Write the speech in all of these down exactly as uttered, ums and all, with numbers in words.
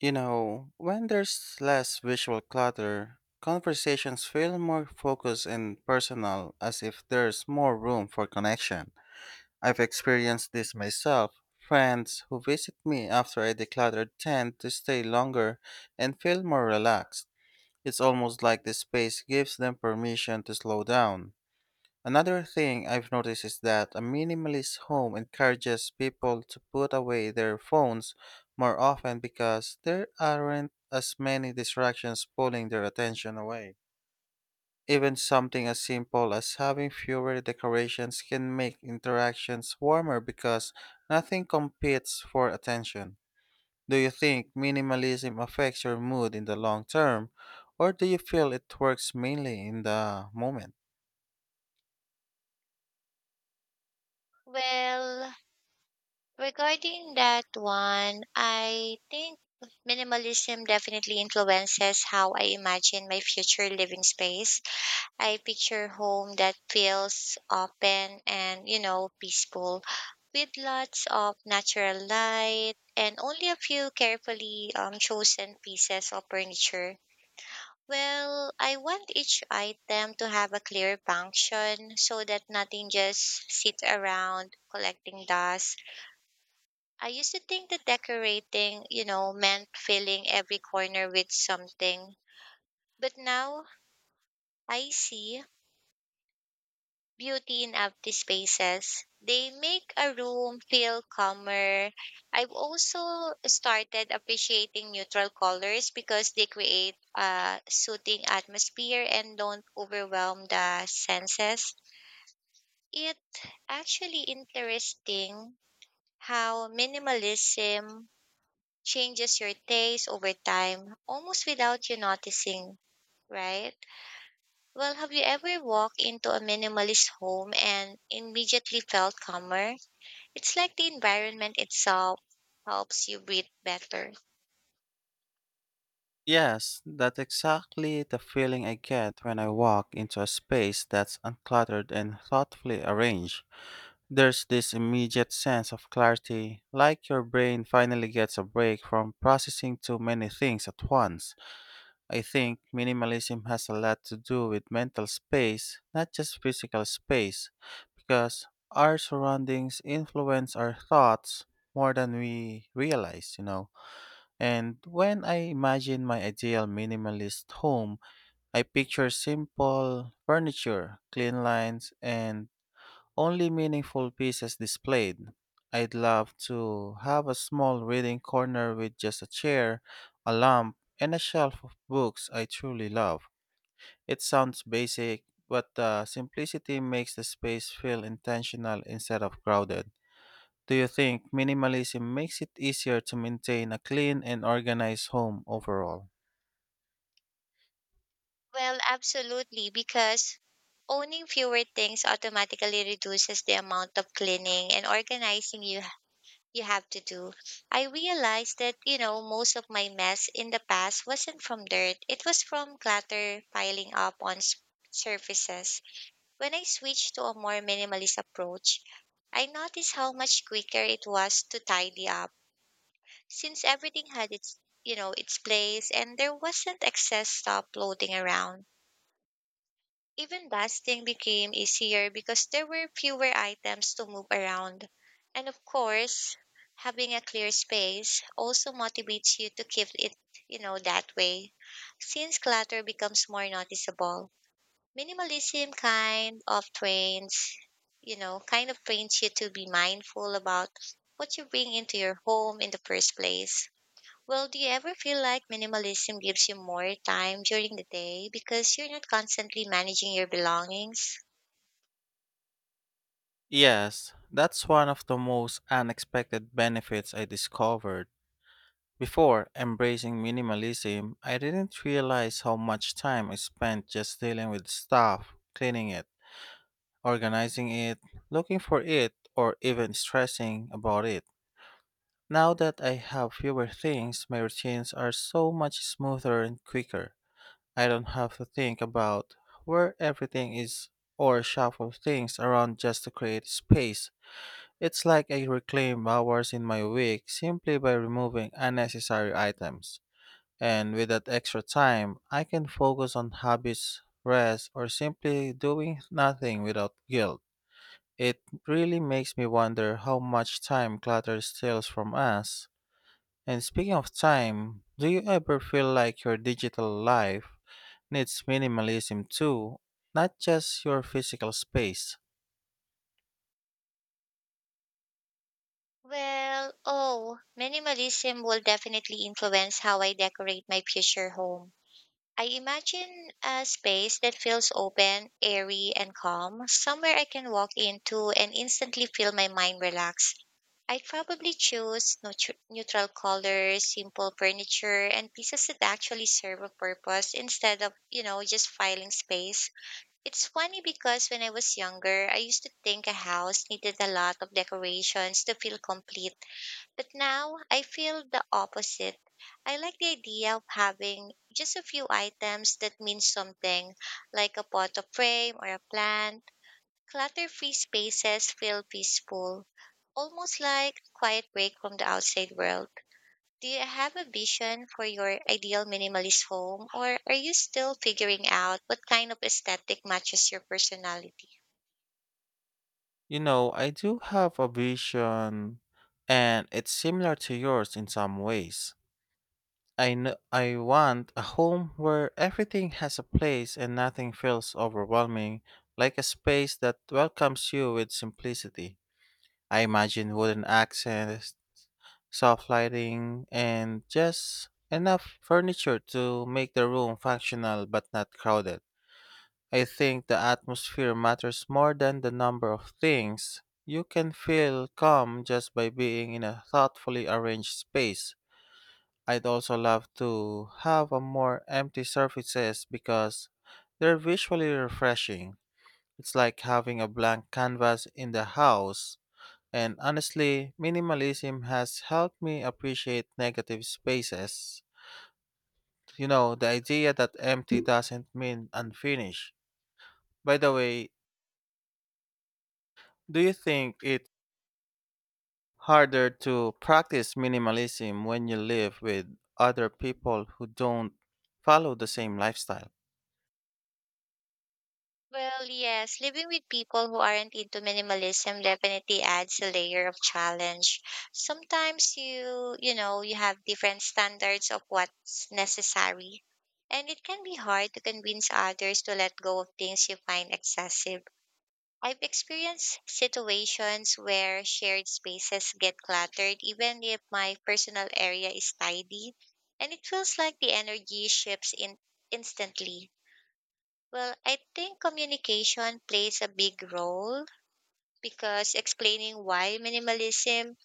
You know, when there's less visual clutter, conversations feel more focused and personal as if there's more room for connection. I've experienced this myself. Friends who visit me after I declutter tend to stay longer and feel more relaxed. It's almost like the space gives them permission to slow down. Another thing I've noticed is that a minimalist home encourages people to put away their phones more often because there aren't as many distractions pulling their attention away. Even something as simple as having fewer decorations can make interactions warmer because nothing competes for attention. Do you think minimalism affects your mood in the long term, or do you feel it works mainly in the moment? Well, regarding that one, I think minimalism definitely influences how I imagine my future living space. I picture home that feels open and, you know, peaceful with lots of natural light and only a few carefully um, chosen pieces of furniture. Well, I want each item to have a clear function so that nothing just sits around collecting dust. I used to think that decorating, you know, meant filling every corner with something. But now I see beauty in empty spaces. They make a room feel calmer. I've also started appreciating neutral colors because they create a soothing atmosphere and don't overwhelm the senses. It actually interesting how minimalism changes your taste over time almost without you noticing, right? Well, have you ever walked into a minimalist home and immediately felt calmer? It's like the environment itself helps you breathe better. Yes, that's exactly the feeling I get when I walk into a space that's uncluttered and thoughtfully arranged. There's this immediate sense of clarity, like your brain finally gets a break from processing too many things at once. I think minimalism has a lot to do with mental space, not just physical space, because our surroundings influence our thoughts more than we realize, you know. And when I imagine my ideal minimalist home, I picture simple furniture, clean lines, and only meaningful pieces displayed. I'd love to have a small reading corner with just a chair, a lamp, and a shelf of books I truly love. It sounds basic, but the simplicity makes the space feel intentional instead of crowded. Do you think minimalism makes it easier to maintain a clean and organized home overall? Well, absolutely, because owning fewer things automatically reduces the amount of cleaning and organizing you you have to do. I realized that, you know, most of my mess in the past wasn't from dirt, it was from clutter piling up on s- surfaces. When I switched to a more minimalist approach, I noticed how much quicker it was to tidy up since everything had its, you know, its place and there wasn't excess stuff floating around. Even busting became easier because there were fewer items to move around. And of course, having a clear space also motivates you to keep it, you know, that way. Since clutter becomes more noticeable, minimalism kind of trains, you know, kind of trains you to be mindful about what you bring into your home in the first place. Well, do you ever feel like minimalism gives you more time during the day because you're not constantly managing your belongings? Yes, that's one of the most unexpected benefits I discovered. Before embracing minimalism, I didn't realize how much time I spent just dealing with stuff, cleaning it, organizing it, looking for it, or even stressing about it. Now that I have fewer things, my routines are so much smoother and quicker. I don't have to think about where everything is or shuffle things around just to create space. It's like I reclaim hours in my week simply by removing unnecessary items. And with that extra time, I can focus on hobbies, rest, or simply doing nothing without guilt. It really makes me wonder how much time clutter steals from us. And speaking of time, do you ever feel like your digital life needs minimalism too, not just your physical space. Well, oh, minimalism will definitely influence how I decorate my future home. I imagine a space that feels open, airy, and calm, somewhere I can walk into and instantly feel my mind relax. I'd probably choose neutr- neutral colors, simple furniture, and pieces that actually serve a purpose instead of, you know, just filing space. It's funny because when I was younger, I used to think a house needed a lot of decorations to feel complete. But now I feel the opposite. I like the idea of having just a few items that mean something, like a pot of frame or a plant. Clutter free spaces feel peaceful, almost like a quiet break from the outside world. Do you have a vision for your ideal minimalist home, or are you still figuring out what kind of aesthetic matches your personality? You know, I do have a vision and it's similar to yours in some ways. I know I want a home where everything has a place and nothing feels overwhelming, like a space that welcomes you with simplicity. I imagine wooden accents, soft lighting, and just enough furniture to make the room functional but not crowded. I think the atmosphere matters more than the number of things. You can feel calm just by being in a thoughtfully arranged space. I'd also love to have a more empty surfaces because they're visually refreshing. It's like having a blank canvas in the house. And honestly, minimalism has helped me appreciate negative spaces. You know, the idea that empty doesn't mean unfinished. By the way, do you think it harder to practice minimalism when you live with other people who don't follow the same lifestyle. Well, yes, living with people who aren't into minimalism definitely adds a layer of challenge. Sometimes you, you know, you have different standards of what's necessary, and it can be hard to convince others to let go of things you find excessive. I've experienced situations where shared spaces get cluttered, even if my personal area is tidy, and it feels like the energy shifts in instantly. Well, I think communication plays a big role because explaining why minimalism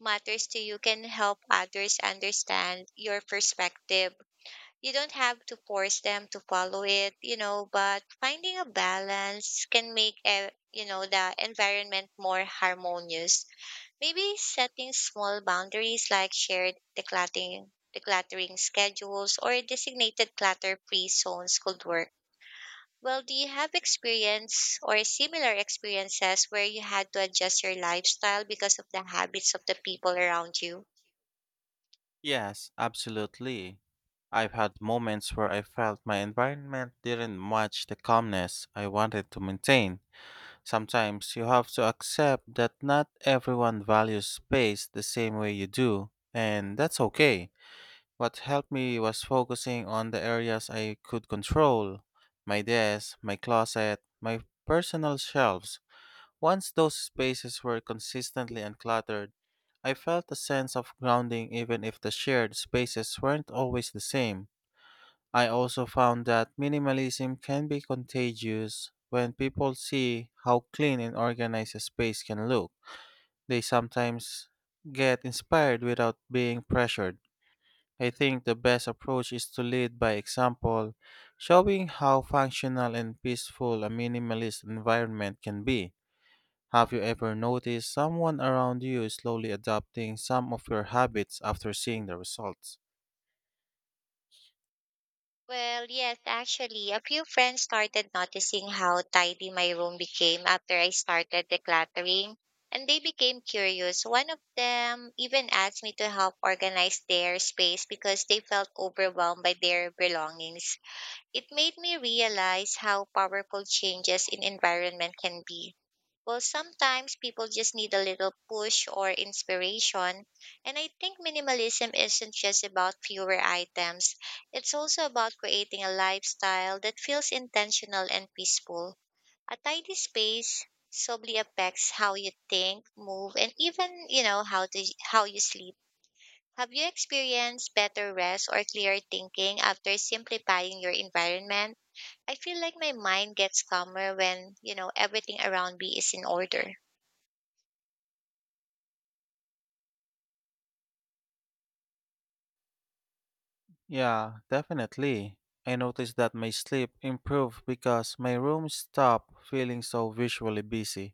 matters to you can help others understand your perspective. You don't have to force them to follow it, you know, but finding a balance can make a you know the environment more harmonious. Maybe setting small boundaries like shared decluttering, decluttering schedules or designated clutter-free zones could work. Well, do you have experience or similar experiences where you had to adjust your lifestyle because of the habits of the people around you? Yes, absolutely. I've had moments where I felt my environment didn't match the calmness I wanted to maintain. Sometimes you have to accept that not everyone values space the same way you do, and that's okay. What helped me was focusing on the areas I could control: my desk, my closet, my personal shelves. Once those spaces were consistently uncluttered, I felt a sense of grounding even if the shared spaces weren't always the same. I also found that minimalism can be contagious when people see how clean and organized a space can look. They sometimes get inspired without being pressured. I think the best approach is to lead by example, showing how functional and peaceful a minimalist environment can be. Have you ever noticed someone around you slowly adopting some of your habits after seeing the results? Well, yes, actually, a few friends started noticing how tidy my room became after I started decluttering, and they became curious. One of them even asked me to help organize their space because they felt overwhelmed by their belongings. It made me realize how powerful changes in environment can be. Well, sometimes people just need a little push or inspiration. And I think minimalism isn't just about fewer items, it's also about creating a lifestyle that feels intentional and peaceful. A tidy space subtly affects how you think, move, and even, you know, how to how you sleep. Have you experienced better rest or clearer thinking after simplifying your environment? I feel like my mind gets calmer when, you know, everything around me is in order. Yeah, definitely. I noticed that my sleep improved because my room stopped feeling so visually busy.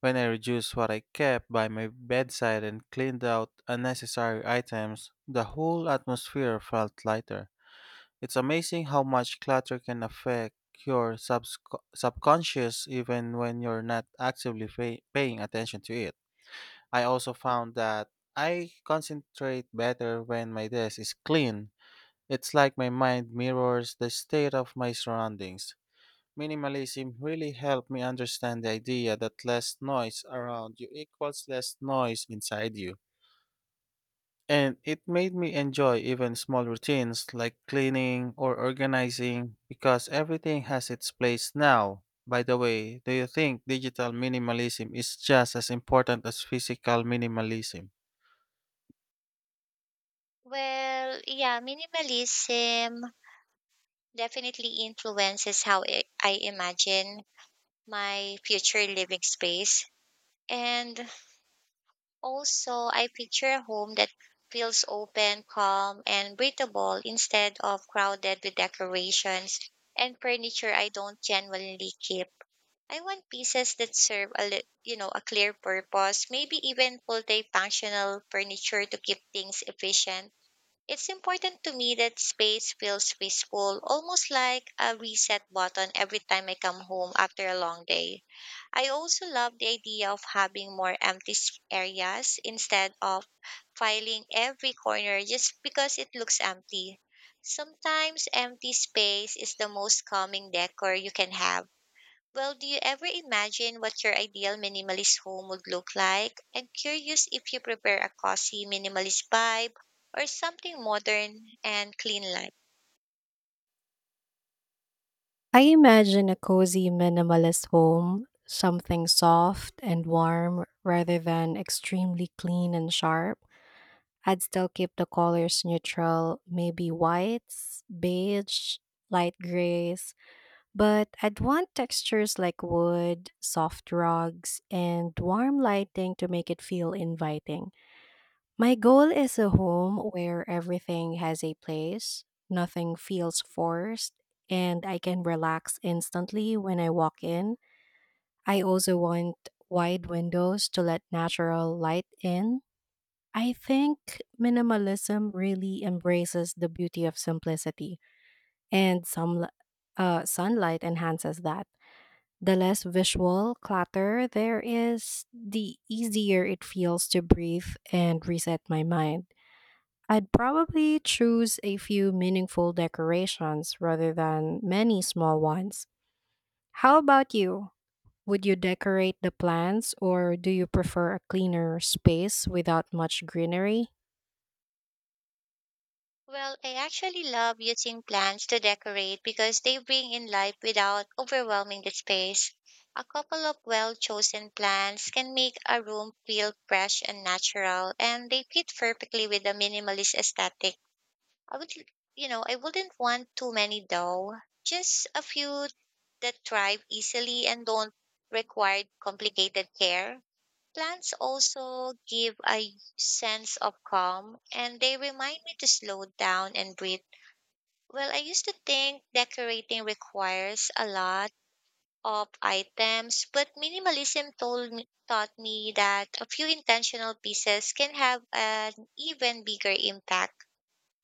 When I reduced what I kept by my bedside and cleaned out unnecessary items, the whole atmosphere felt lighter. It's amazing how much clutter can affect your subsc- subconscious even when you're not actively pay- paying attention to it. I also found that I concentrate better when my desk is clean. It's like my mind mirrors the state of my surroundings. Minimalism really helped me understand the idea that less noise around you equals less noise inside you. And it made me enjoy even small routines like cleaning or organizing because everything has its place now. By the way, do you think digital minimalism is just as important as physical minimalism? Well, yeah, minimalism definitely influences how I I imagine my future living space. And also, I picture a home that feels open, calm, and breathable instead of crowded with decorations and furniture I don't genuinely keep. I want pieces that serve a li- you know, a clear purpose, maybe even multi-functional furniture to keep things efficient. It's important to me that space feels peaceful, almost like a reset button every time I come home after a long day. I also love the idea of having more empty s- areas instead of filing every corner just because it looks empty. Sometimes empty space is the most calming decor you can have. Well, do you ever imagine what your ideal minimalist home would look like? I'm curious if you prepare a cozy minimalist vibe or something modern and clean like. I imagine a cozy minimalist home, something soft and warm rather than extremely clean and sharp. I'd still keep the colors neutral, maybe whites, beige, light grays. But I'd want textures like wood, soft rugs, and warm lighting to make it feel inviting. My goal is a home where everything has a place, nothing feels forced, and I can relax instantly when I walk in. I also want wide windows to let natural light in. I think minimalism really embraces the beauty of simplicity, and some uh, sunlight enhances that. The less visual clutter there is, the easier it feels to breathe and reset my mind. I'd probably choose a few meaningful decorations rather than many small ones. How about you? Would you decorate the plants or do you prefer a cleaner space without much greenery? Well, I actually love using plants to decorate because they bring in life without overwhelming the space. A couple of well chosen plants can make a room feel fresh and natural, and they fit perfectly with the minimalist aesthetic. I would, l- you know, I wouldn't want too many though. Just a few that thrive easily and don't require complicated care. Plants also give a sense of calm and they remind me to slow down and breathe. Well, I used to think decorating requires a lot of items, but minimalism told me, taught me that a few intentional pieces can have an even bigger impact.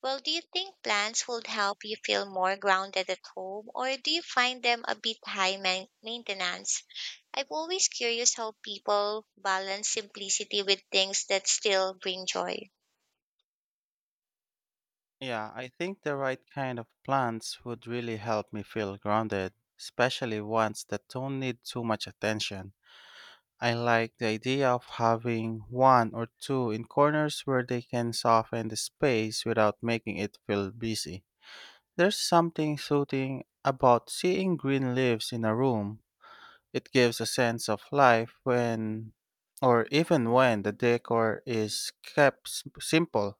Well, do you think plants would help you feel more grounded at home, or do you find them a bit high main- maintenance? I'm always curious how people balance simplicity with things that still bring joy. Yeah, I think the right kind of plants would really help me feel grounded, especially ones that don't need too much attention. I like the idea of having one or two in corners where they can soften the space without making it feel busy. There's something soothing about seeing green leaves in a room. It gives a sense of life when, or even when, the decor is kept s- simple.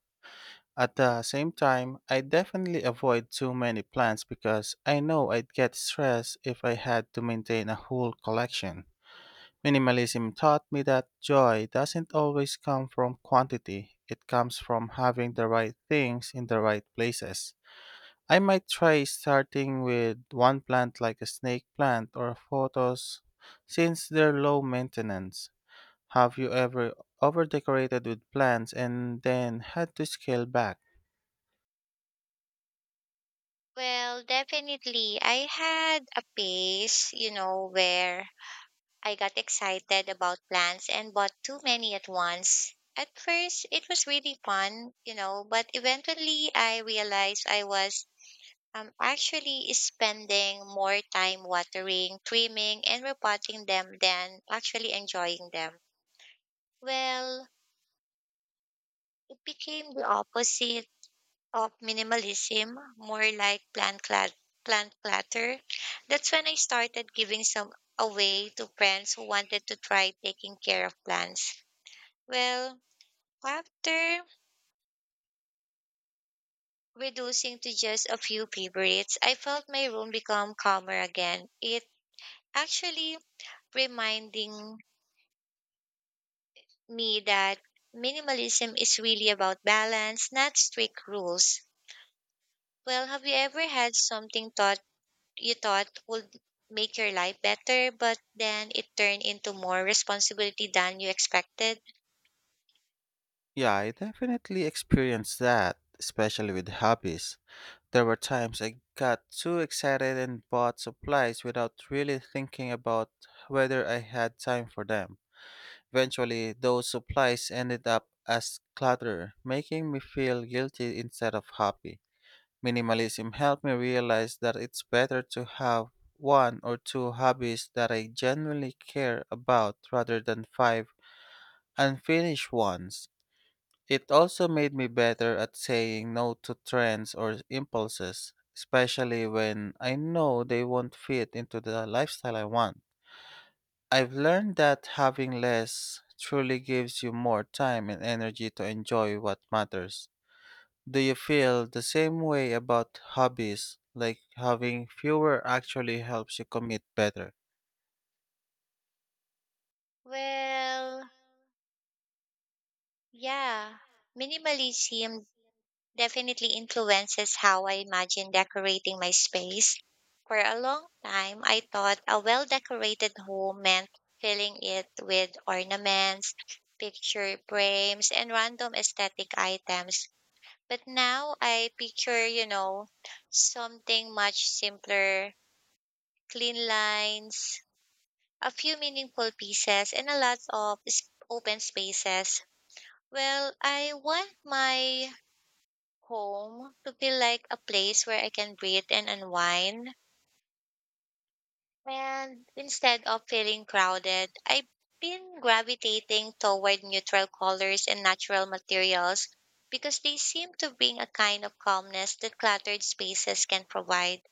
At the same time, I definitely avoid too many plants because I know I'd get stressed if I had to maintain a whole collection. Minimalism taught me that joy doesn't always come from quantity, it comes from having the right things in the right places. I might try starting with one plant like a snake plant or photos since they're low maintenance. Have you ever overdecorated with plants and then had to scale back? Well, definitely. I had a phase, you know, where I got excited about plants and bought too many at once. At first, it was really fun, you know, but eventually I realized I was I'm actually spending more time watering, trimming, and repotting them than actually enjoying them. Well, it became the opposite of minimalism, more like plant clat- plant clutter. That's when I started giving some away to friends who wanted to try taking care of plants. Well, after reducing to just a few favorites, I felt my room become calmer again. It actually reminding me that minimalism is really about balance, not strict rules. Well, have you ever had something thought you thought would make your life better, but then it turned into more responsibility than you expected? Yeah, I definitely experienced that, especially with hobbies. There were times I got too excited and bought supplies without really thinking about whether I had time for them. Eventually, those supplies ended up as clutter, making me feel guilty instead of happy. Minimalism helped me realize that it's better to have one or two hobbies that I genuinely care about rather than five unfinished ones. It also made me better at saying no to trends or impulses, especially when I know they won't fit into the lifestyle I want. I've learned that having less truly gives you more time and energy to enjoy what matters. Do you feel the same way about hobbies? Like having fewer actually helps you commit better? Well, yeah. Minimalism definitely influences how I imagine decorating my space. For a long time, I thought a well decorated home meant filling it with ornaments, picture frames, and random aesthetic items. But now I picture, you know, something much simpler, clean lines, a few meaningful pieces, and a lot of s- open spaces. Well, I want my home to feel like a place where I can breathe and unwind. And instead of feeling crowded, I've been gravitating toward neutral colors and natural materials because they seem to bring a kind of calmness that cluttered spaces can provide.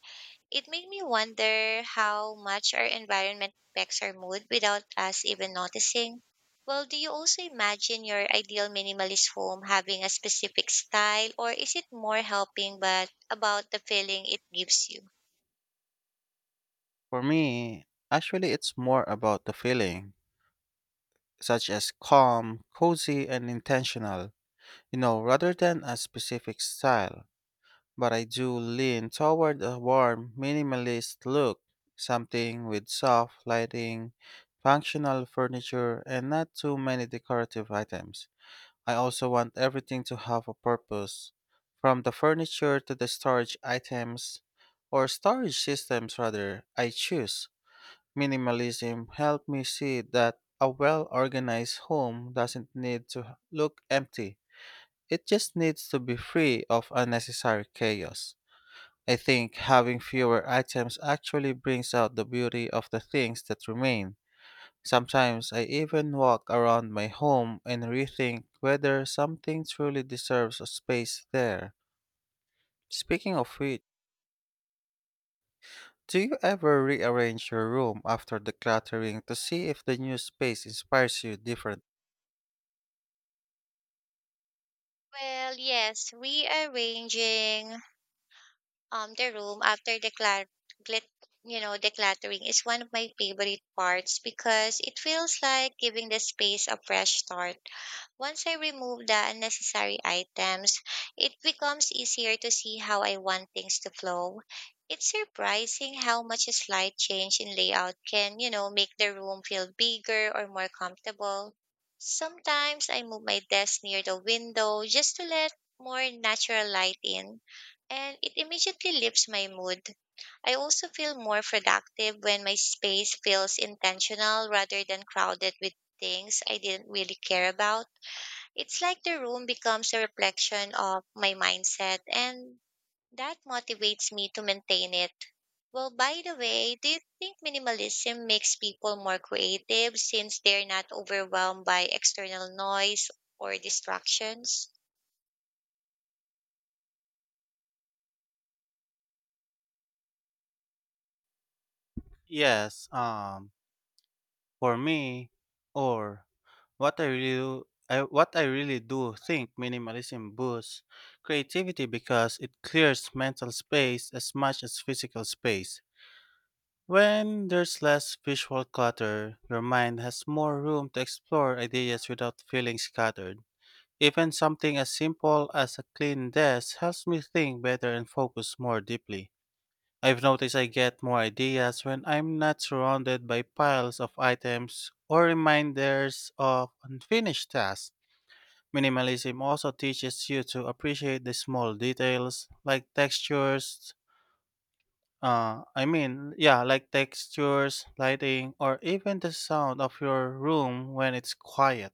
It made me wonder how much our environment affects our mood without us even noticing. Well, do you also imagine your ideal minimalist home having a specific style, or is it more helping but about the feeling it gives you? For me, actually, it's more about the feeling, such as calm, cozy, and intentional. You know, rather than a specific style, but I do lean toward a warm, minimalist look, something with soft lighting, functional furniture, and not too many decorative items. I also want everything to have a purpose, from the furniture to the storage items or storage systems rather I choose. Minimalism helped me see that a well organized home doesn't need to look empty, it just needs to be free of unnecessary chaos. I think having fewer items actually brings out the beauty of the things that remain. Sometimes I even walk around my home and rethink whether something truly deserves a space there. Speaking of which, do you ever rearrange your room after decluttering to see if the new space inspires you different? Well, yes, rearranging um the room after declar- glit- you know decluttering is one of my favorite parts because it feels like giving the space a fresh start. Once I remove the unnecessary items, it becomes easier to see how I want things to flow. It's surprising how much a slight change in layout can, you know, make the room feel bigger or more comfortable. Sometimes I move my desk near the window just to let more natural light in, and it immediately lifts my mood. I also feel more productive when my space feels intentional rather than crowded with things I didn't really care about. It's like the room becomes a reflection of my mindset, and that motivates me to maintain it. Well, by the way, do you think minimalism makes people more creative since they're not overwhelmed by external noise or distractions? Yes, um, for me, or What I really do, I, what I really do think minimalism boosts creativity because it clears mental space as much as physical space. When there's less visual clutter, your mind has more room to explore ideas without feeling scattered. Even something as simple as a clean desk helps me think better and focus more deeply. I've noticed I get more ideas when I'm not surrounded by piles of items or reminders of unfinished tasks. Minimalism also teaches you to appreciate the small details like textures, uh, I mean, yeah, like textures, lighting, or even the sound of your room when it's quiet.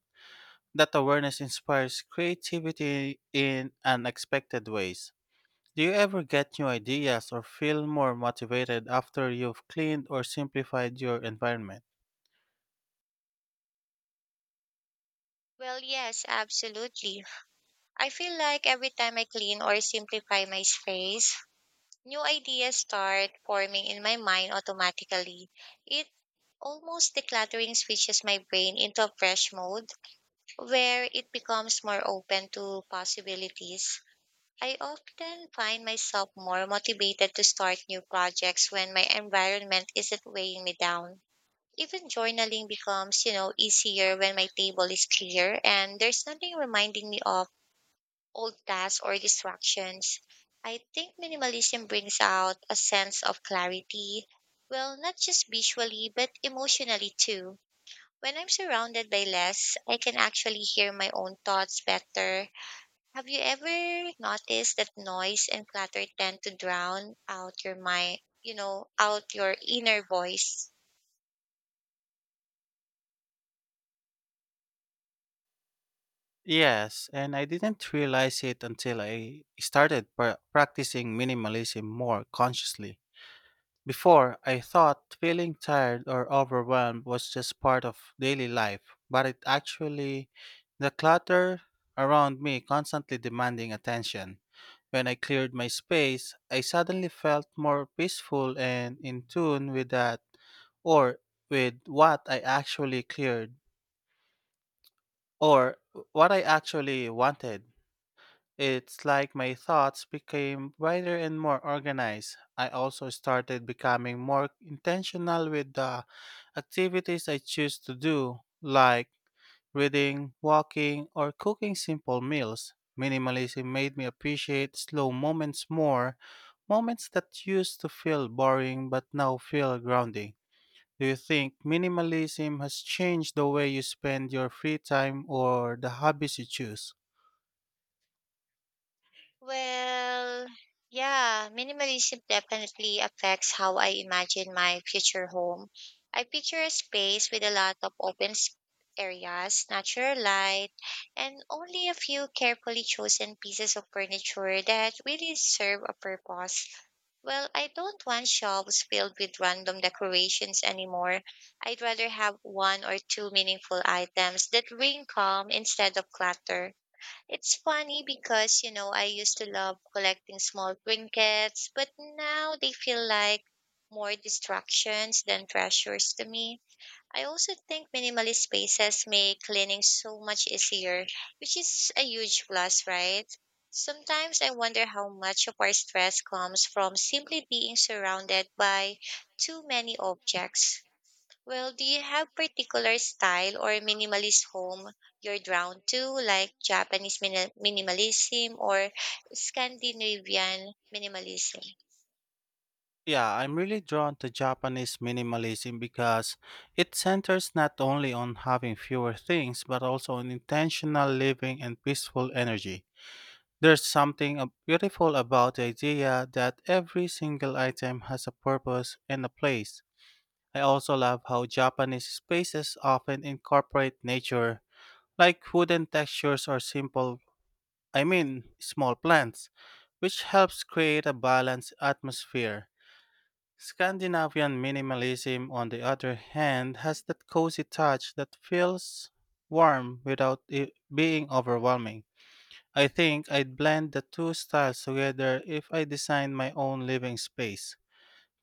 That awareness inspires creativity in unexpected ways. Do you ever get new ideas or feel more motivated after you've cleaned or simplified your environment? Well, yes, absolutely. I feel like every time I clean or simplify my space, new ideas start forming in my mind automatically. It almost decluttering switches my brain into a fresh mode where it becomes more open to possibilities. I often find myself more motivated to start new projects when my environment isn't weighing me down. Even journaling becomes, you know, easier when my table is clear and there's nothing reminding me of old tasks or distractions. I think minimalism brings out a sense of clarity, well, not just visually, but emotionally too. When I'm surrounded by less, I can actually hear my own thoughts better. Have you ever noticed that noise and clutter tend to drown out your mind, you know, out your inner voice? Yes, and I didn't realize it until I started pra- practicing minimalism more consciously. Before, I thought feeling tired or overwhelmed was just part of daily life, but it actually, the clutter around me constantly demanding attention. When I cleared my space, I suddenly felt more peaceful and in tune with that or with what I actually cleared or what I actually wanted. It's like my thoughts became wider and more organized. I also started becoming more intentional with the activities I choose to do, like reading, walking, or cooking simple meals. Minimalism made me appreciate slow moments more, moments that used to feel boring but now feel grounding. Do you think minimalism has changed the way you spend your free time or the hobbies you choose? Well, yeah, minimalism definitely affects how I imagine my future home. I picture a space with a lot of open s- areas, natural light, and only a few carefully chosen pieces of furniture that really serve a purpose. Well, I don't want shelves filled with random decorations anymore. I'd rather have one or two meaningful items that bring calm instead of clutter. It's funny because, you know, I used to love collecting small trinkets, but now they feel like more distractions than treasures to me. I also think minimalist spaces make cleaning so much easier, which is a huge plus, right? Sometimes I wonder how much of our stress comes from simply being surrounded by too many objects. Well, do you have particular style or minimalist home you're drawn to, like Japanese mini- minimalism or Scandinavian minimalism? Yeah, I'm really drawn to Japanese minimalism because it centers not only on having fewer things, but also on intentional living and peaceful energy. There's something uh, beautiful about the idea that every single item has a purpose and a place. I also love how Japanese spaces often incorporate nature, like wooden textures or simple, I mean, small plants, which helps create a balanced atmosphere. Scandinavian minimalism, on the other hand, has that cozy touch that feels warm without it being overwhelming. I think I'd blend the two styles together if I designed my own living space.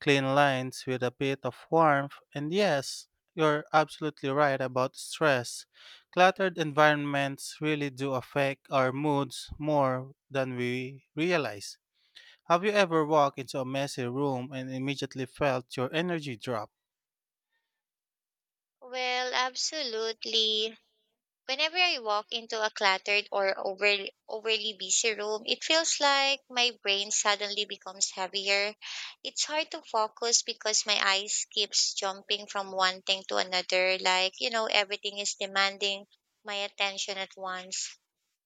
Clean lines with a bit of warmth, and yes, you're absolutely right about stress. Cluttered environments really do affect our moods more than we realize. Have you ever walked into a messy room and immediately felt your energy drop? Well, absolutely. Whenever I walk into a cluttered or over, overly busy room, it feels like my brain suddenly becomes heavier. It's hard to focus because my eyes keeps jumping from one thing to another, like, you know, everything is demanding my attention at once.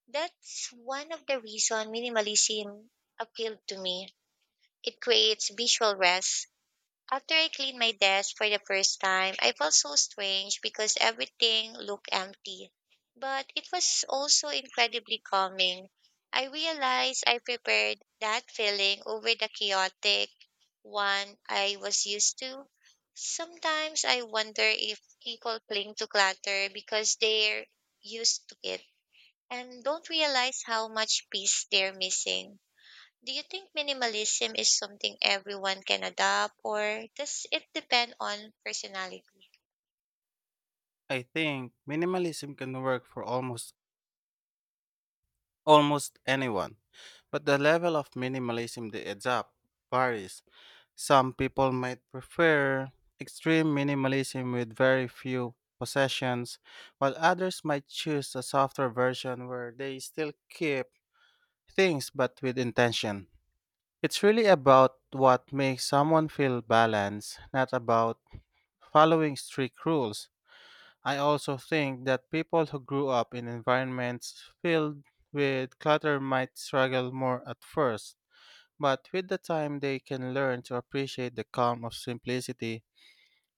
That's one of the reason minimalism appealed to me. It creates visual rest. After I cleaned my desk for the first time, I felt so strange because everything looked empty. But it was also incredibly calming. I realized I prepared that feeling over the chaotic one I was used to. Sometimes I wonder if people cling to clutter because they're used to it and don't realize how much peace they're missing. Do you think minimalism is something everyone can adopt, or does it depend on personality? I think minimalism can work for almost almost anyone, but the level of minimalism they adopt varies. Some people might prefer extreme minimalism with very few possessions, while others might choose a softer version where they still keep things but with intention. It's really about what makes someone feel balanced, not about following strict rules. I also think that people who grew up in environments filled with clutter might struggle more at first, but with the time they can learn to appreciate the calm of simplicity.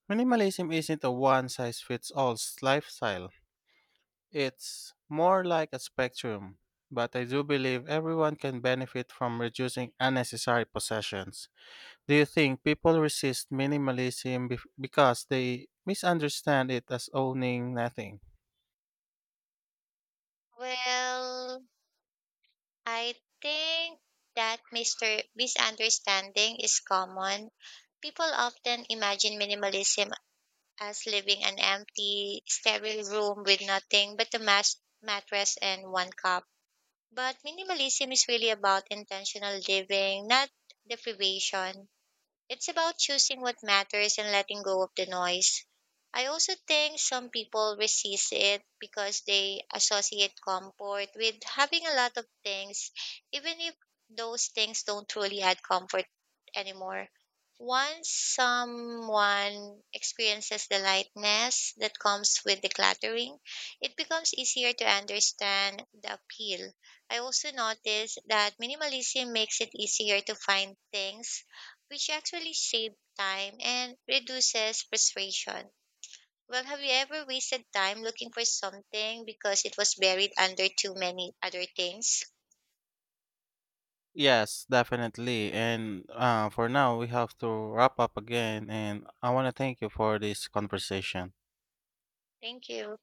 Minimalism isn't a one size fits all lifestyle, it's more like a spectrum, but I do believe everyone can benefit from reducing unnecessary possessions. Do you think people resist minimalism bef- because they misunderstand it as owning nothing? Well, I think that mister misunderstanding is common. People often imagine minimalism as living an empty, sterile room with nothing but a mas- mattress and one cup. But minimalism is really about intentional living, not deprivation. It's about choosing what matters and letting go of the noise. I also think some people resist it because they associate comfort with having a lot of things, even if those things don't truly add comfort anymore. Once someone experiences the lightness that comes with decluttering, it becomes easier to understand the appeal. I also noticed that minimalism makes it easier to find things which actually saves time and reduces frustration. Well, have you ever wasted time looking for something because it was buried under too many other things? Yes, definitely. And uh, for now, we have to wrap up again. And I want to thank you for this conversation. Thank you.